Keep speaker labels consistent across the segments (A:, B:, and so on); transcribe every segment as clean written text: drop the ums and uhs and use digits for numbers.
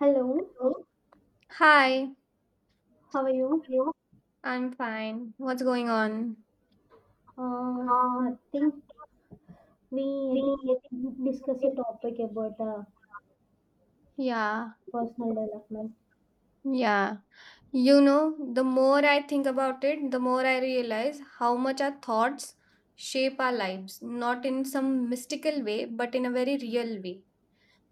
A: Hello,
B: Hello. Hi,
A: how are you?
B: Hello. I'm fine. What's going on?
A: Uh,
B: Uh,
A: Nothing. We I
B: we
A: think discuss a topic about
B: Yeah,
A: personal development.
B: yeah. You know, the more I think about it, the more I realize how much our thoughts shape our lives, not in some mystical way, but in a very real way,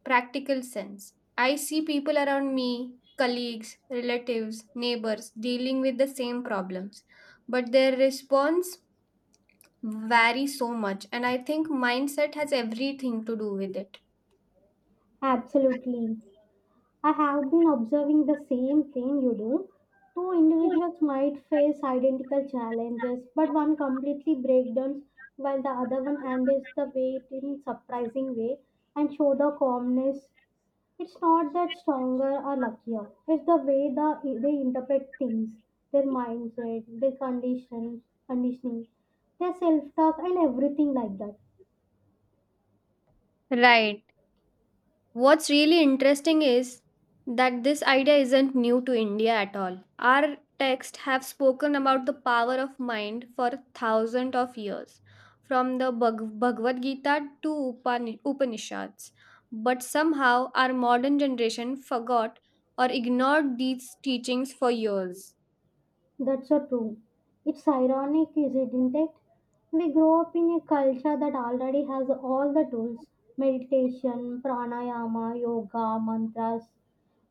B: practical sense. I see people around me, colleagues, relatives, neighbors, dealing with the same problems, but their response vary so much, and I think mindset has everything to do with it.
A: Absolutely. I have been observing the same thing you do. Two individuals might face identical challenges, but one completely breakdowns while the other one handles the weight in surprising way and show the calmness. It's not that stronger or luckier. It's the way they interpret things, their mindset, their conditioning, their self-talk, and everything like that.
B: Right. What's really interesting is that this idea isn't new to India at all. Our texts have spoken about the power of mind for thousands of years, from the Bhagavad Gita to Upanishads. But somehow our modern generation forgot or ignored these teachings for years.
A: That's so true. It's ironic, isn't it? We grow up in a culture that already has all the tools: meditation, pranayama, yoga, mantras.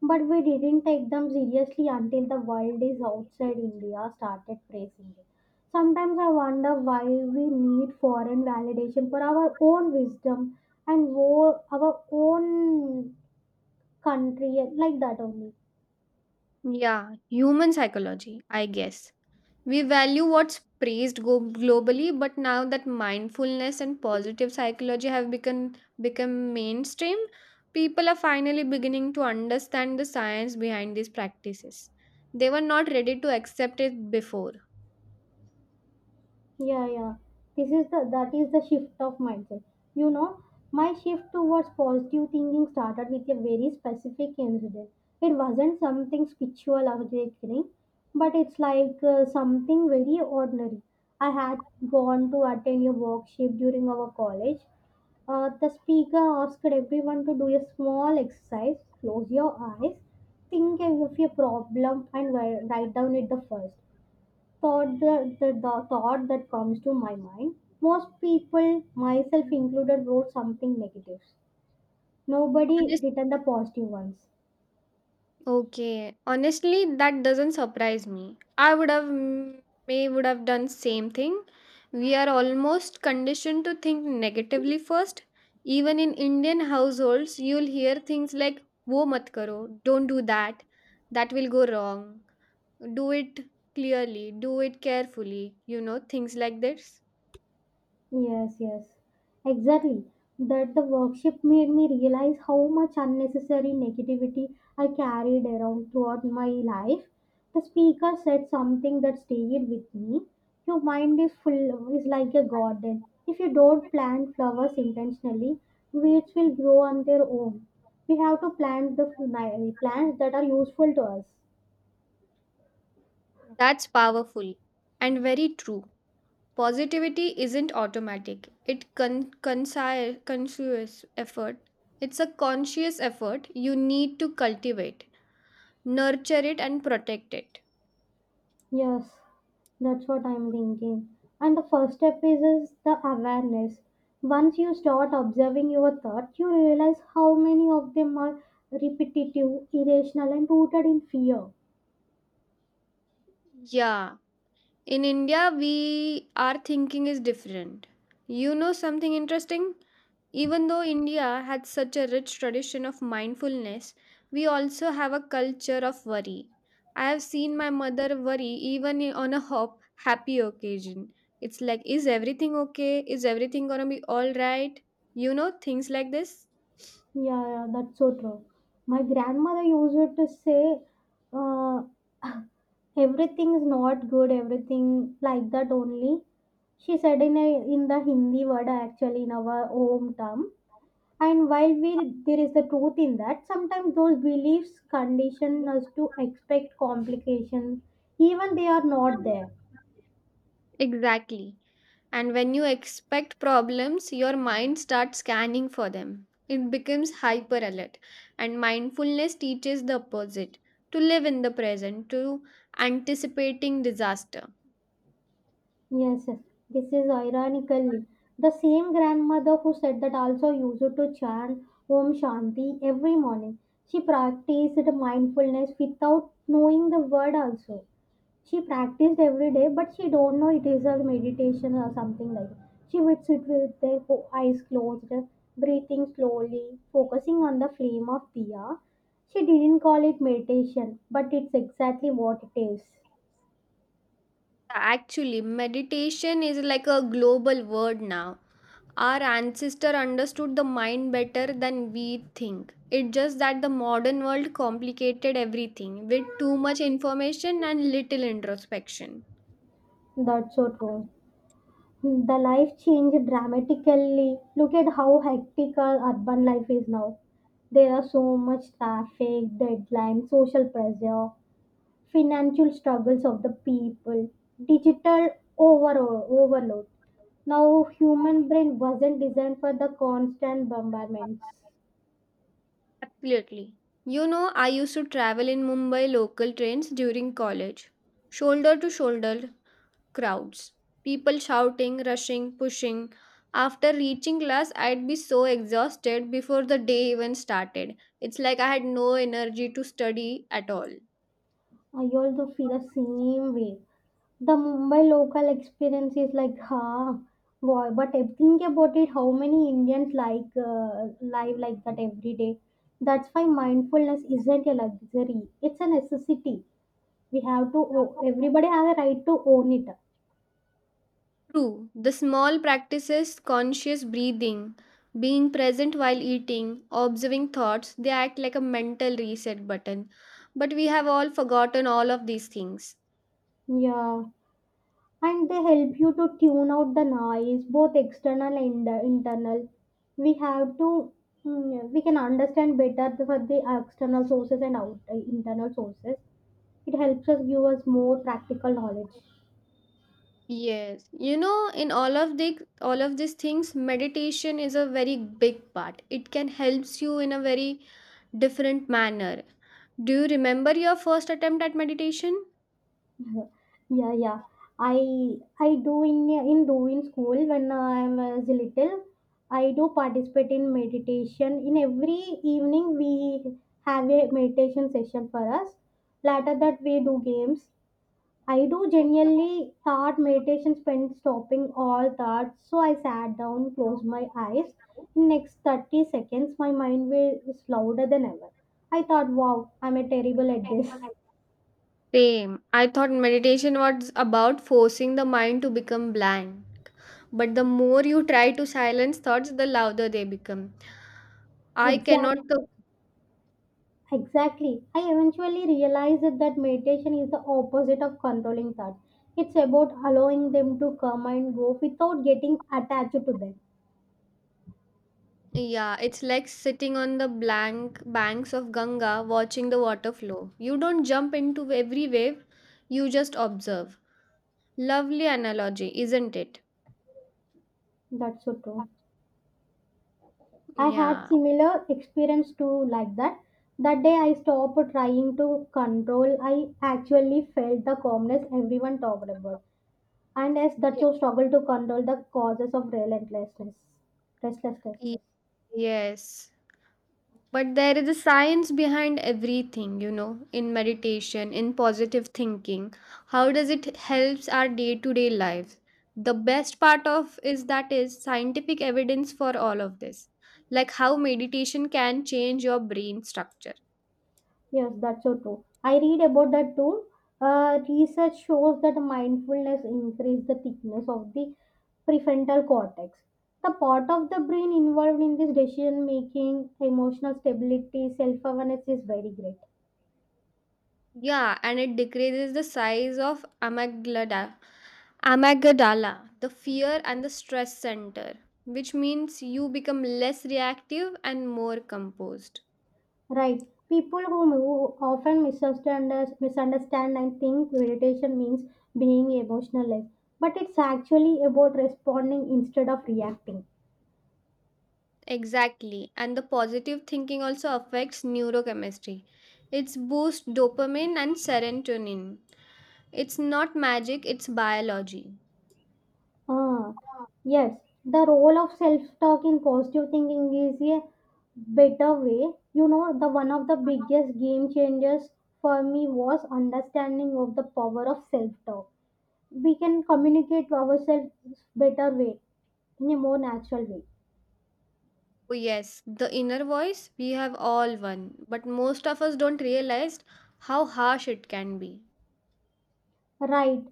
A: But we didn't take them seriously until the world is outside India started praising it. Sometimes I wonder why we need foreign validation for our own wisdom and our own country, like that only.
B: Yeah, human psychology, I guess. We value what's praised globally, but now that mindfulness and positive psychology have become mainstream, people are finally beginning to understand the science behind these practices. They were not ready to accept it before.
A: Yeah, yeah. This is the that is the shift of mindset. You know, my shift towards positive thinking started with a very specific incident. It wasn't something spiritual awakening, but it's like something very ordinary. I had gone to attend a workshop during our college. The speaker asked everyone to do a small exercise. Close your eyes, think of a problem, and write down it the first thought, the thought that comes to my mind. Most people, myself included, wrote something negative. Nobody written the positive ones.
B: Okay, honestly, that doesn't surprise me. I would have may would have done same thing. We are almost conditioned to think negatively first. Even in Indian households, you'll hear things like "वो mat karo," "Don't do that," "That will go wrong," "Do it clearly," "Do it carefully," you know, things like this.
A: Yes, yes, exactly. That the workshop made me realize how much unnecessary negativity I carried around throughout my life. The speaker said something that stayed with me. Your mind is like a garden. If you don't plant flowers intentionally, weeds will grow on their own. We have to plant the plants that are useful to us.
B: That's powerful and very true. Positivity isn't automatic. Conscious effort. It's a conscious effort you need to cultivate, nurture it and protect it.
A: Yes, that's what I'm thinking. And the first step is the awareness. Once you start observing your thoughts, you realize how many of them are repetitive, irrational, and rooted in fear.
B: Yeah, in India we our thinking is different. You know something interesting? Even though India had such a rich tradition of mindfulness, we also have a culture of worry. I have seen my mother worry even I- on a hop, happy occasion. It's like, is everything okay? Is everything gonna be all right? You know, things like this.
A: Yeah, yeah, that's so true. My grandmother used to say, uh, everything is not good, everything like that only. She said in the Hindi word actually in our home term. And there is the truth in that, sometimes those beliefs condition us to expect complications, even they are not there.
B: Exactly. And when you expect problems, your mind starts scanning for them. It becomes hyper alert. And mindfulness teaches the opposite, to live in the present, to anticipating disaster.
A: Yes, yes. This is ironically the same grandmother who said that also used to chant Om Shanti every morning. She practiced mindfulness without knowing the word also. She practiced every day, but she don't know it is a meditation or something like. She would sit with their eyes closed, breathing slowly, focusing on the flame of diya. She didn't call it meditation, but it's exactly what it is.
B: Actually, meditation is like a global word now. Our ancestor understood the mind better than we think. It's just that the modern world complicated everything with too much information and little introspection.
A: That's so true. The life changed dramatically. Look at how hectic our urban life is now. There are so much traffic, deadlines, social pressure, financial struggles of the people, digital overall overload. Now, human brain wasn't designed for the constant bombardments.
B: Absolutely. You know, I used to travel in Mumbai local trains during college. Shoulder to shoulder crowds. People shouting, rushing, pushing. After reaching class, I'd be so exhausted before the day even started. It's like I had no energy to study at all.
A: I also feel the same way. The Mumbai local experience is like, huh, boy, but I think about it, how many Indians like live like that every day? That's why mindfulness isn't a luxury; it's a necessity. We have to. Everybody has a right to own it.
B: True, the small practices, conscious breathing, being present while eating, observing thoughts, they act like a mental reset button. But we have all forgotten all of these things.
A: Yeah. And they help you to tune out the noise, both external and internal. We have to, we can understand better for the external sources and out, internal sources. It helps us give us more practical knowledge.
B: Yes, in all of these things, meditation is a very big part. It can helps you in a very different manner. Do you remember your first attempt at meditation?
A: Yeah, yeah, yeah. i I do in doing school when I was little. I do participate in meditation in every evening. We have a meditation session for us, later that we do games. I do genuinely thought meditation spent stopping all thoughts. So I sat down, closed my eyes. In next 30 seconds, my mind was louder than ever. I thought, wow, I'm a terrible at this.
B: Same. I thought meditation was about forcing the mind to become blank. But the more you try to silence thoughts, the louder they become. I cannot.
A: Exact,
B: co-
A: exactly. I eventually realized that meditation is the opposite of controlling thoughts. It's about allowing them to come and go without getting attached to them.
B: Yeah, it's like sitting on the blank banks of Ganga watching the water flow. You don't jump into every wave, you just observe. Lovely analogy, isn't it?
A: That's so true. I had
B: Yeah.
A: similar experience too like that. That day I stopped trying to control. I actually felt the calmness everyone talked about. And as that so struggle to control the causes of relentlessness. Restlessness.
B: Ye- Yes. But there is a science behind everything, in meditation, in positive thinking. How does it helps our day-to-day lives? The best part of is that is scientific evidence for all of this. Like how meditation can change your brain structure.
A: Yes, that's so true. I read about that too. Research shows that mindfulness increases the thickness of the prefrontal cortex. The part of the brain involved in this decision making, emotional stability, self awareness is very great.
B: Yeah, and it decreases the size of amygdala, the fear and the stress center, which means you become less reactive and more composed.
A: Right. People who move often misunderstand and think meditation means being emotionless, but it's actually about responding instead of reacting.
B: Exactly. And the positive thinking also affects neurochemistry. It's boosts dopamine and serotonin. It's not magic, it's biology.
A: Ah, yes. The role of self-talk in positive thinking is a better way. The one of the biggest game changers for me was understanding of the power of self-talk. We can communicate ourselves better way in a more natural way.
B: Oh, yes, the inner voice, we have all one, but most of us don't realize how harsh it can be.
A: Right.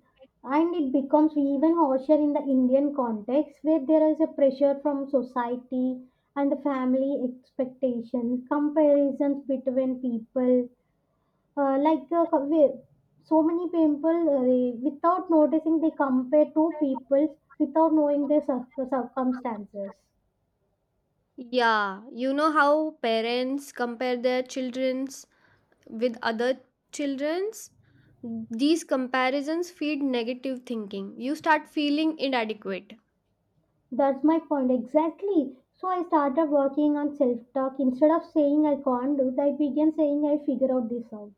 A: And it becomes even harsher in the Indian context where there is a pressure from society and the family expectations, comparisons between people. Like, so many people, without noticing, they compare two people without knowing their circumstances.
B: Yeah, you know how parents compare their children's with other children's. These comparisons feed negative thinking. You start feeling inadequate.
A: That's my point exactly. So I started working on self talk. Instead of saying I can't do, I began saying I figure out this out.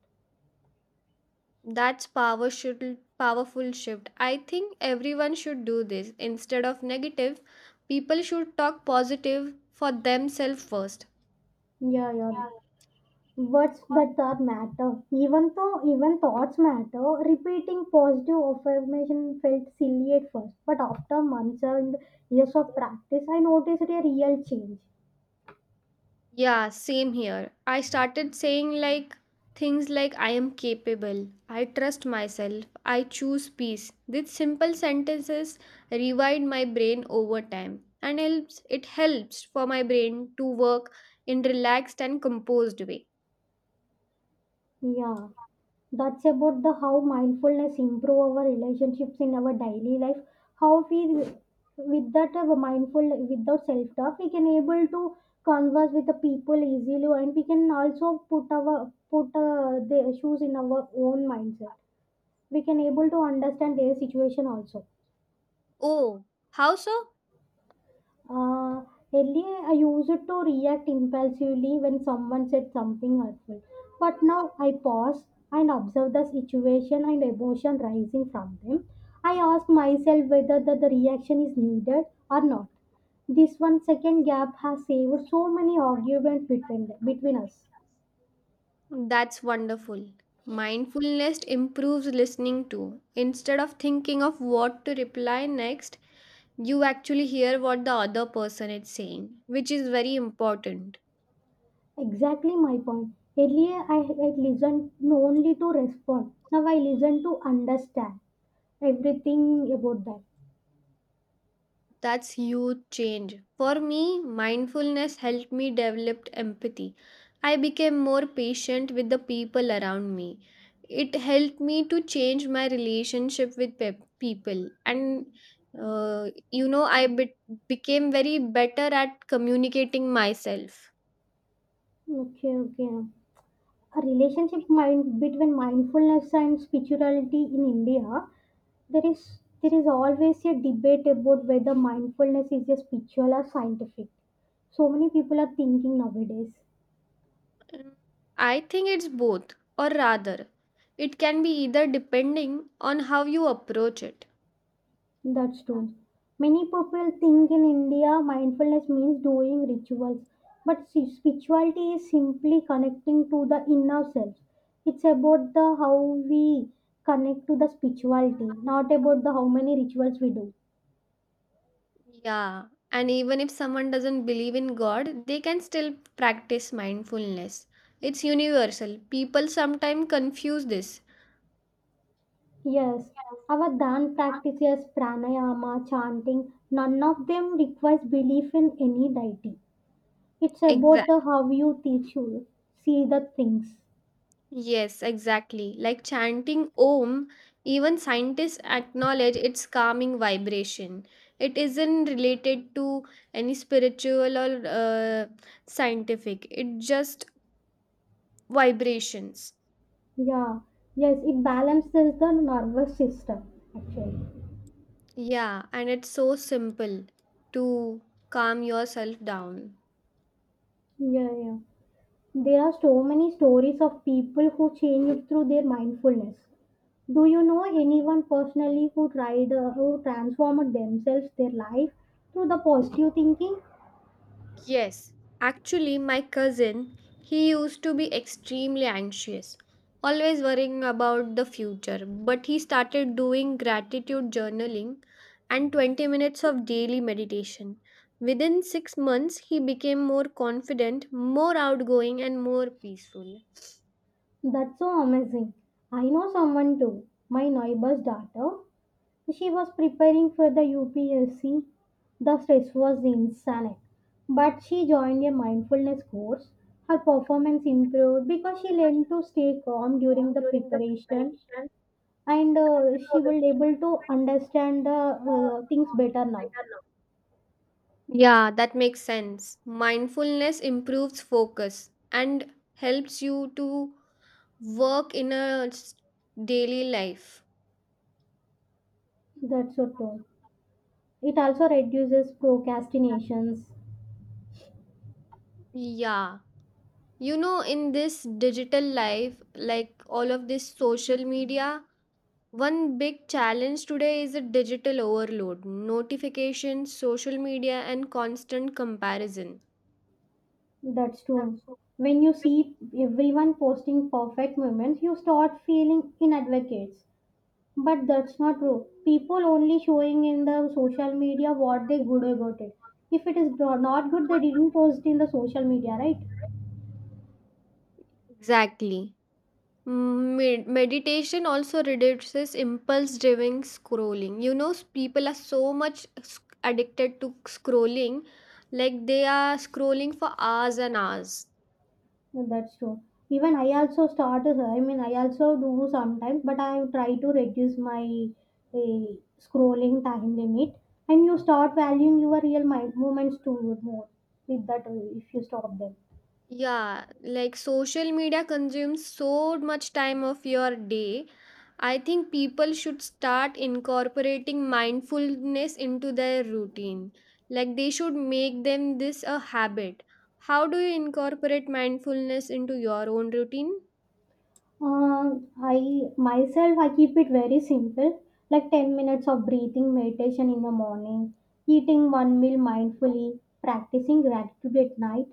B: That's power should powerful shift. I think everyone should do this. Instead of negative, people should talk positive for themselves first.
A: Yeah, yeah. What's that are matter. Even thoughts matter, repeating positive affirmation felt silly at first, but after months and years of practice, I noticed a real change.
B: Yeah, same here. I started saying like things like I am capable, I trust myself, I choose peace. These simple sentences rewind my brain over time and helps it helps for my brain to work in relaxed and composed way.
A: Yeah, that's about the how mindfulness improve our relationships in our daily life. How we with that mindful without self talk, we can able to converse with the people easily, and we can also put our put their shoes in our own mindset. We can able to understand their situation also.
B: Oh, how so?
A: Uh, earlier, I used to react impulsively when someone said something hurtful, but now I pause and observe the situation and emotion rising from them. I ask myself whether the reaction is needed or not. This 1 second gap has saved so many arguments between us.
B: That's wonderful. Mindfulness improves listening too. Instead of thinking of what to reply next, you actually hear what the other person is saying, which is very important.
A: Exactly my point. Earlier, I had listened only to respond. Now I listen to understand. Everything about that.
B: That's huge change. For me, mindfulness helped me develop empathy. I became more patient with the people around me. It helped me to change my relationship with people, and, you know, I became very better at communicating myself.
A: Okay, okay. A relationship mind between mindfulness and spirituality in India, there is always a debate about whether mindfulness is a spiritual or scientific. So many people are thinking nowadays.
B: Mm, I think it's both, or rather, it can be either depending on how you approach it.
A: That's true. Many people think in India mindfulness means doing rituals, but spirituality is simply connecting to the inner self. It's about the how we connect to the spirituality, not about the how many rituals we do.
B: Yeah, and even if someone doesn't believe in God, they can still practice mindfulness. It's universal. People sometimes confuse this.
A: Yes, our dhan practices, pranayama, chanting, none of them requires belief in any deity. It's about the how you teach you see the things.
B: Yes, exactly. Like chanting Om, even scientists acknowledge its calming vibration. It isn't related to any spiritual or scientific, it just vibrations.
A: Yeah, yes, it balances the nervous system actually.
B: Yeah, and it's so simple to calm yourself down.
A: Yeah, yeah. There are so many stories of people who changed through their mindfulness. Do you know anyone personally who who transformed themselves, their life through the positive thinking?
B: Yes, actually, my cousin, he used to be extremely anxious, always worrying about the future. But he started doing gratitude journaling and 20 minutes of daily meditation. Within 6 months, he became more confident, more outgoing, and more peaceful.
A: That's so amazing. I know someone too, my neighbor's daughter. She was preparing for the UPSC. The stress was insane. But she joined a mindfulness course. Her performance improved because she learned to stay calm during
B: Form
A: the
B: During the
A: preparation,
B: preparation,
A: and
B: but,
A: she will
B: she was
A: able to
B: able to
A: understand the
B: understand the,
A: things better now.
B: better. Yeah, that makes sense. Mindfulness improves focus and helps you to work in a daily life.
A: That's so true. It also reduces procrastinations.
B: Yeah. You know, in this digital life, like all of this social media, one big challenge today is a digital overload, notifications, social media, and constant comparison.
A: That's true.
B: That's so
A: When you
B: big
A: see everyone posting perfect moments, you start feeling inadvocates. But that's not true. People only showing in the social
B: thing.
A: media what they good about it. If it is not good, they didn't post in the social media, right?
B: Exactly. Meditation also reduces impulse driven scrolling. People are so much addicted to scrolling, like they are scrolling for hours and hours.
A: No, that's true. Even I also started. I mean, I also do sometimes, but I try to reduce my eh, scrolling time limit. And you start valuing your real mind movements too more with that. If you stop them.
B: Yeah, like social media consumes so much time of your day. I think people should start incorporating mindfulness into their routine. Like they should make them this a habit. How do you incorporate mindfulness into your own routine?
A: I myself I keep it very simple, like 10 minutes of breathing meditation in the morning, eating one meal mindfully, practicing gratitude at night,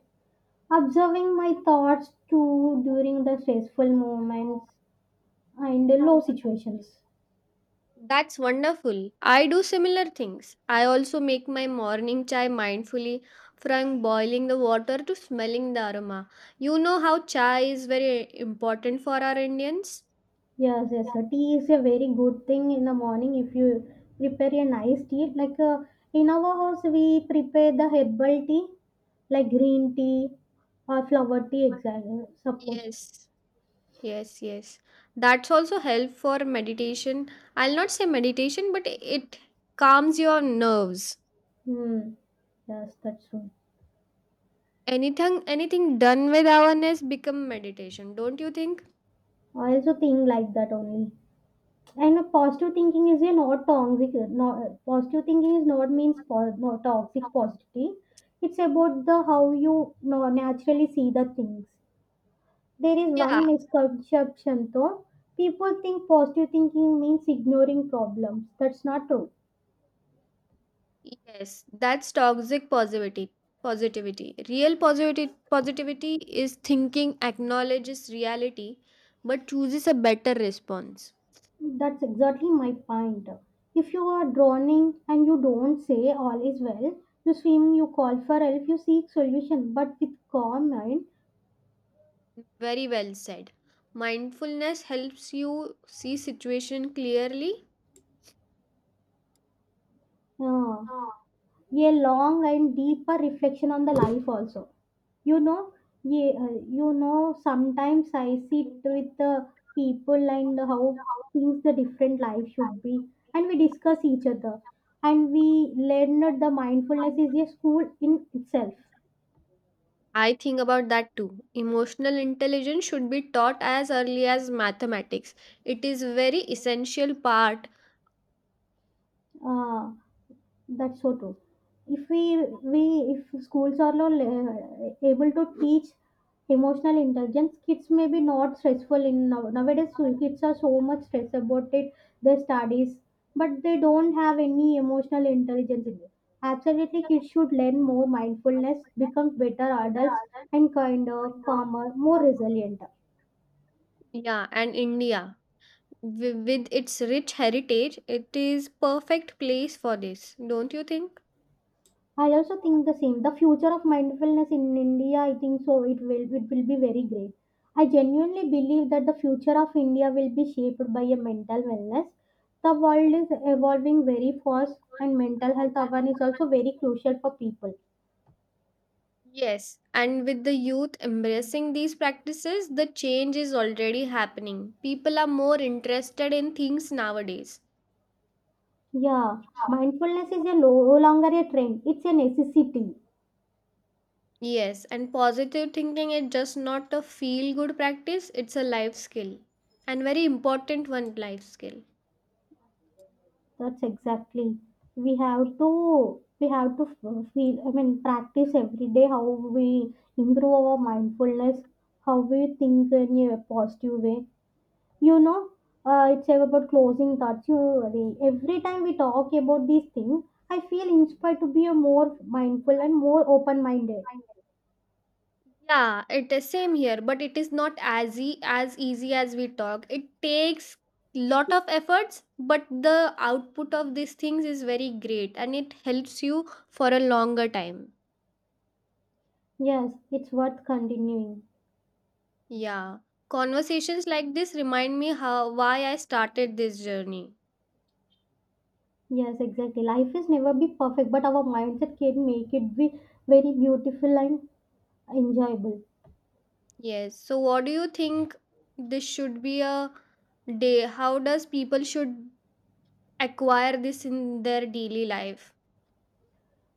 A: observing my thoughts too during the stressful moments and the low situations.
B: That's wonderful. I do similar things. I also make my morning chai mindfully from boiling the water to smelling the aroma. You know how chai is very important for our Indians?
A: Yes, yes, sir. Tea is a very good thing in the morning if you prepare a nice tea. Like in our house, we prepare the herbal tea, like green tea or flower tea, exactly supposed.
B: Yes, yes, yes. That's also help for meditation. I'll not say meditation, but it calms your nerves.
A: Hmm. Yes, that's true.
B: Anything done with awareness become meditation, don't you think?
A: I also think like that only. And a positive thinking is a not toxic. Not, Positive thinking is not means no, toxic positivity. It's about the how you no, naturally see the things. There is one
B: Yeah.
A: misconception though. People think positive thinking means ignoring problems. That's not true.
B: Yes, that's toxic positivity. Positivity. Real positivity is thinking acknowledges reality but chooses a better response.
A: That's exactly my point. If you are drowning and you don't say all is well, you swim, you call for help, you seek solution, but with calm mind,
B: Very well said. Mindfulness helps you see situation clearly.
A: uh,
B: Ah,
A: a long and deeper reflection on the life also. You know, yeah, sometimes I sit
B: thank you.
A: with the people and how things the different life should be, and we discuss each other, and we learn that the
B: How can I
A: mindfulness
B: help
A: is a school in itself.
B: you? I think about that too. Emotional intelligence should be taught as early as mathematics. It is very essential part.
A: Uh, That's so true. If we we if schools are not able to teach emotional intelligence, kids may be not stressful nowadays. Kids are so much stressed about it, their studies, but they don't have any emotional intelligence in it. Absolutely, kids should learn more mindfulness, become better adults, and kinder, calmer, more resilient.
B: Yeah, and India with its rich heritage, it is perfect place for this, don't you think?
A: I also think the same. The future of mindfulness in India, I think so it will be very great. I genuinely believe that the future of India will be shaped by a mental wellness. The world is evolving very fast and mental health awareness is also very crucial for people.
B: Yes, and with the youth embracing these practices, the change is already happening. People are more interested in things nowadays.
A: Yeah, mindfulness is a no longer a trend, it's a necessity.
B: Yes, and positive thinking is just not a feel good practice, it's a life skill and very important one life skill.
A: That's exactly. We have to feel. I mean, practice every day how we improve our mindfulness, how we think in a positive way. You know, it's about closing thoughts. You Every time we talk about these things, I feel inspired to be a more mindful and more open-minded.
B: Yeah, it is same here, but it is not as as easy as we talk. It takes lot of efforts, but the output of these things is very great and it helps you for a longer time.
A: Yes, it's worth continuing.
B: Yeah. Conversations like this remind me how why I started this journey.
A: Yes, exactly. Life is never be perfect, but our mindset can make it be very beautiful and enjoyable.
B: Yes. So what do you think this should be a day? How does people should acquire this in their daily life?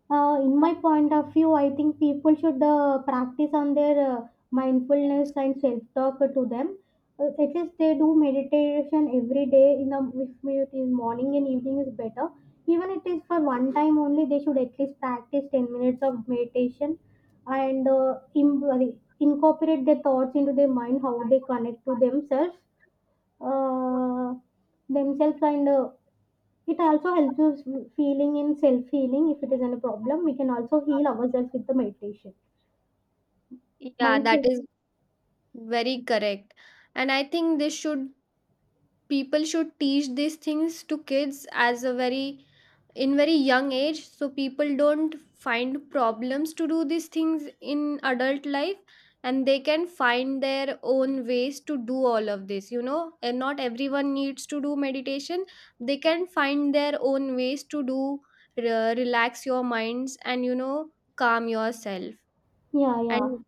A: In my point of view, I think people should practice on their mindfulness and self talk to them. At least they do meditation every day. In the If it is morning and evening is better. Even it is for one time only, they should at least practice 10 minutes of meditation and incorporate their thoughts into their mind, how they connect to themselves, uh, and it also helps us feeling in self healing if it is any problem. We can also heal ourselves with the meditation.
B: Yeah, that
A: Mindful.
B: is very correct. And I think this should people should teach these things to kids as a very in very young age so people don't find problems to do these things in adult life, and they can find their own ways to do all of this, you know, and not everyone needs to do meditation. They can find their own ways to do relax your minds and, you know, calm yourself
A: Yeah, yeah.
B: and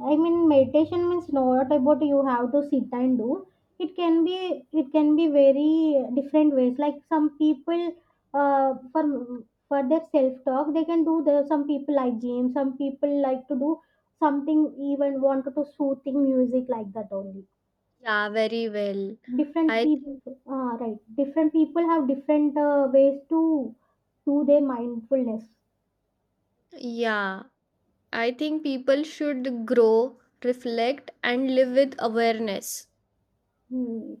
A: I mean meditation means not about you have to sit and do. It can be very different ways. Like some people for their self talk they can do the some people like games, some people like to do something even want to do soothing music like that only.
B: yeah, very well.
A: Different
B: I
A: people,
B: think,
A: right, different people have different ways to do their mindfulness.
B: yeah, I think people should grow, reflect, and live with awareness.
A: Hmm.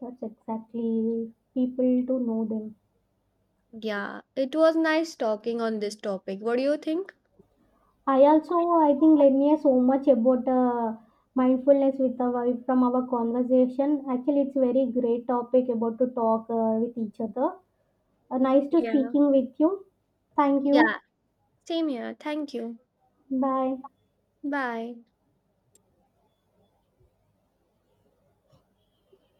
A: That's exactly people to know them.
B: Yeah, it was nice talking on this topic. What do you think?
A: i also I think let so much about mindfulness with our from our conversation actually. It's very great topic about to talk with each other. Nice to
B: Yeah.
A: speaking with you. Thank you.
B: Yeah, same here. Thank you.
A: Bye.
B: Bye.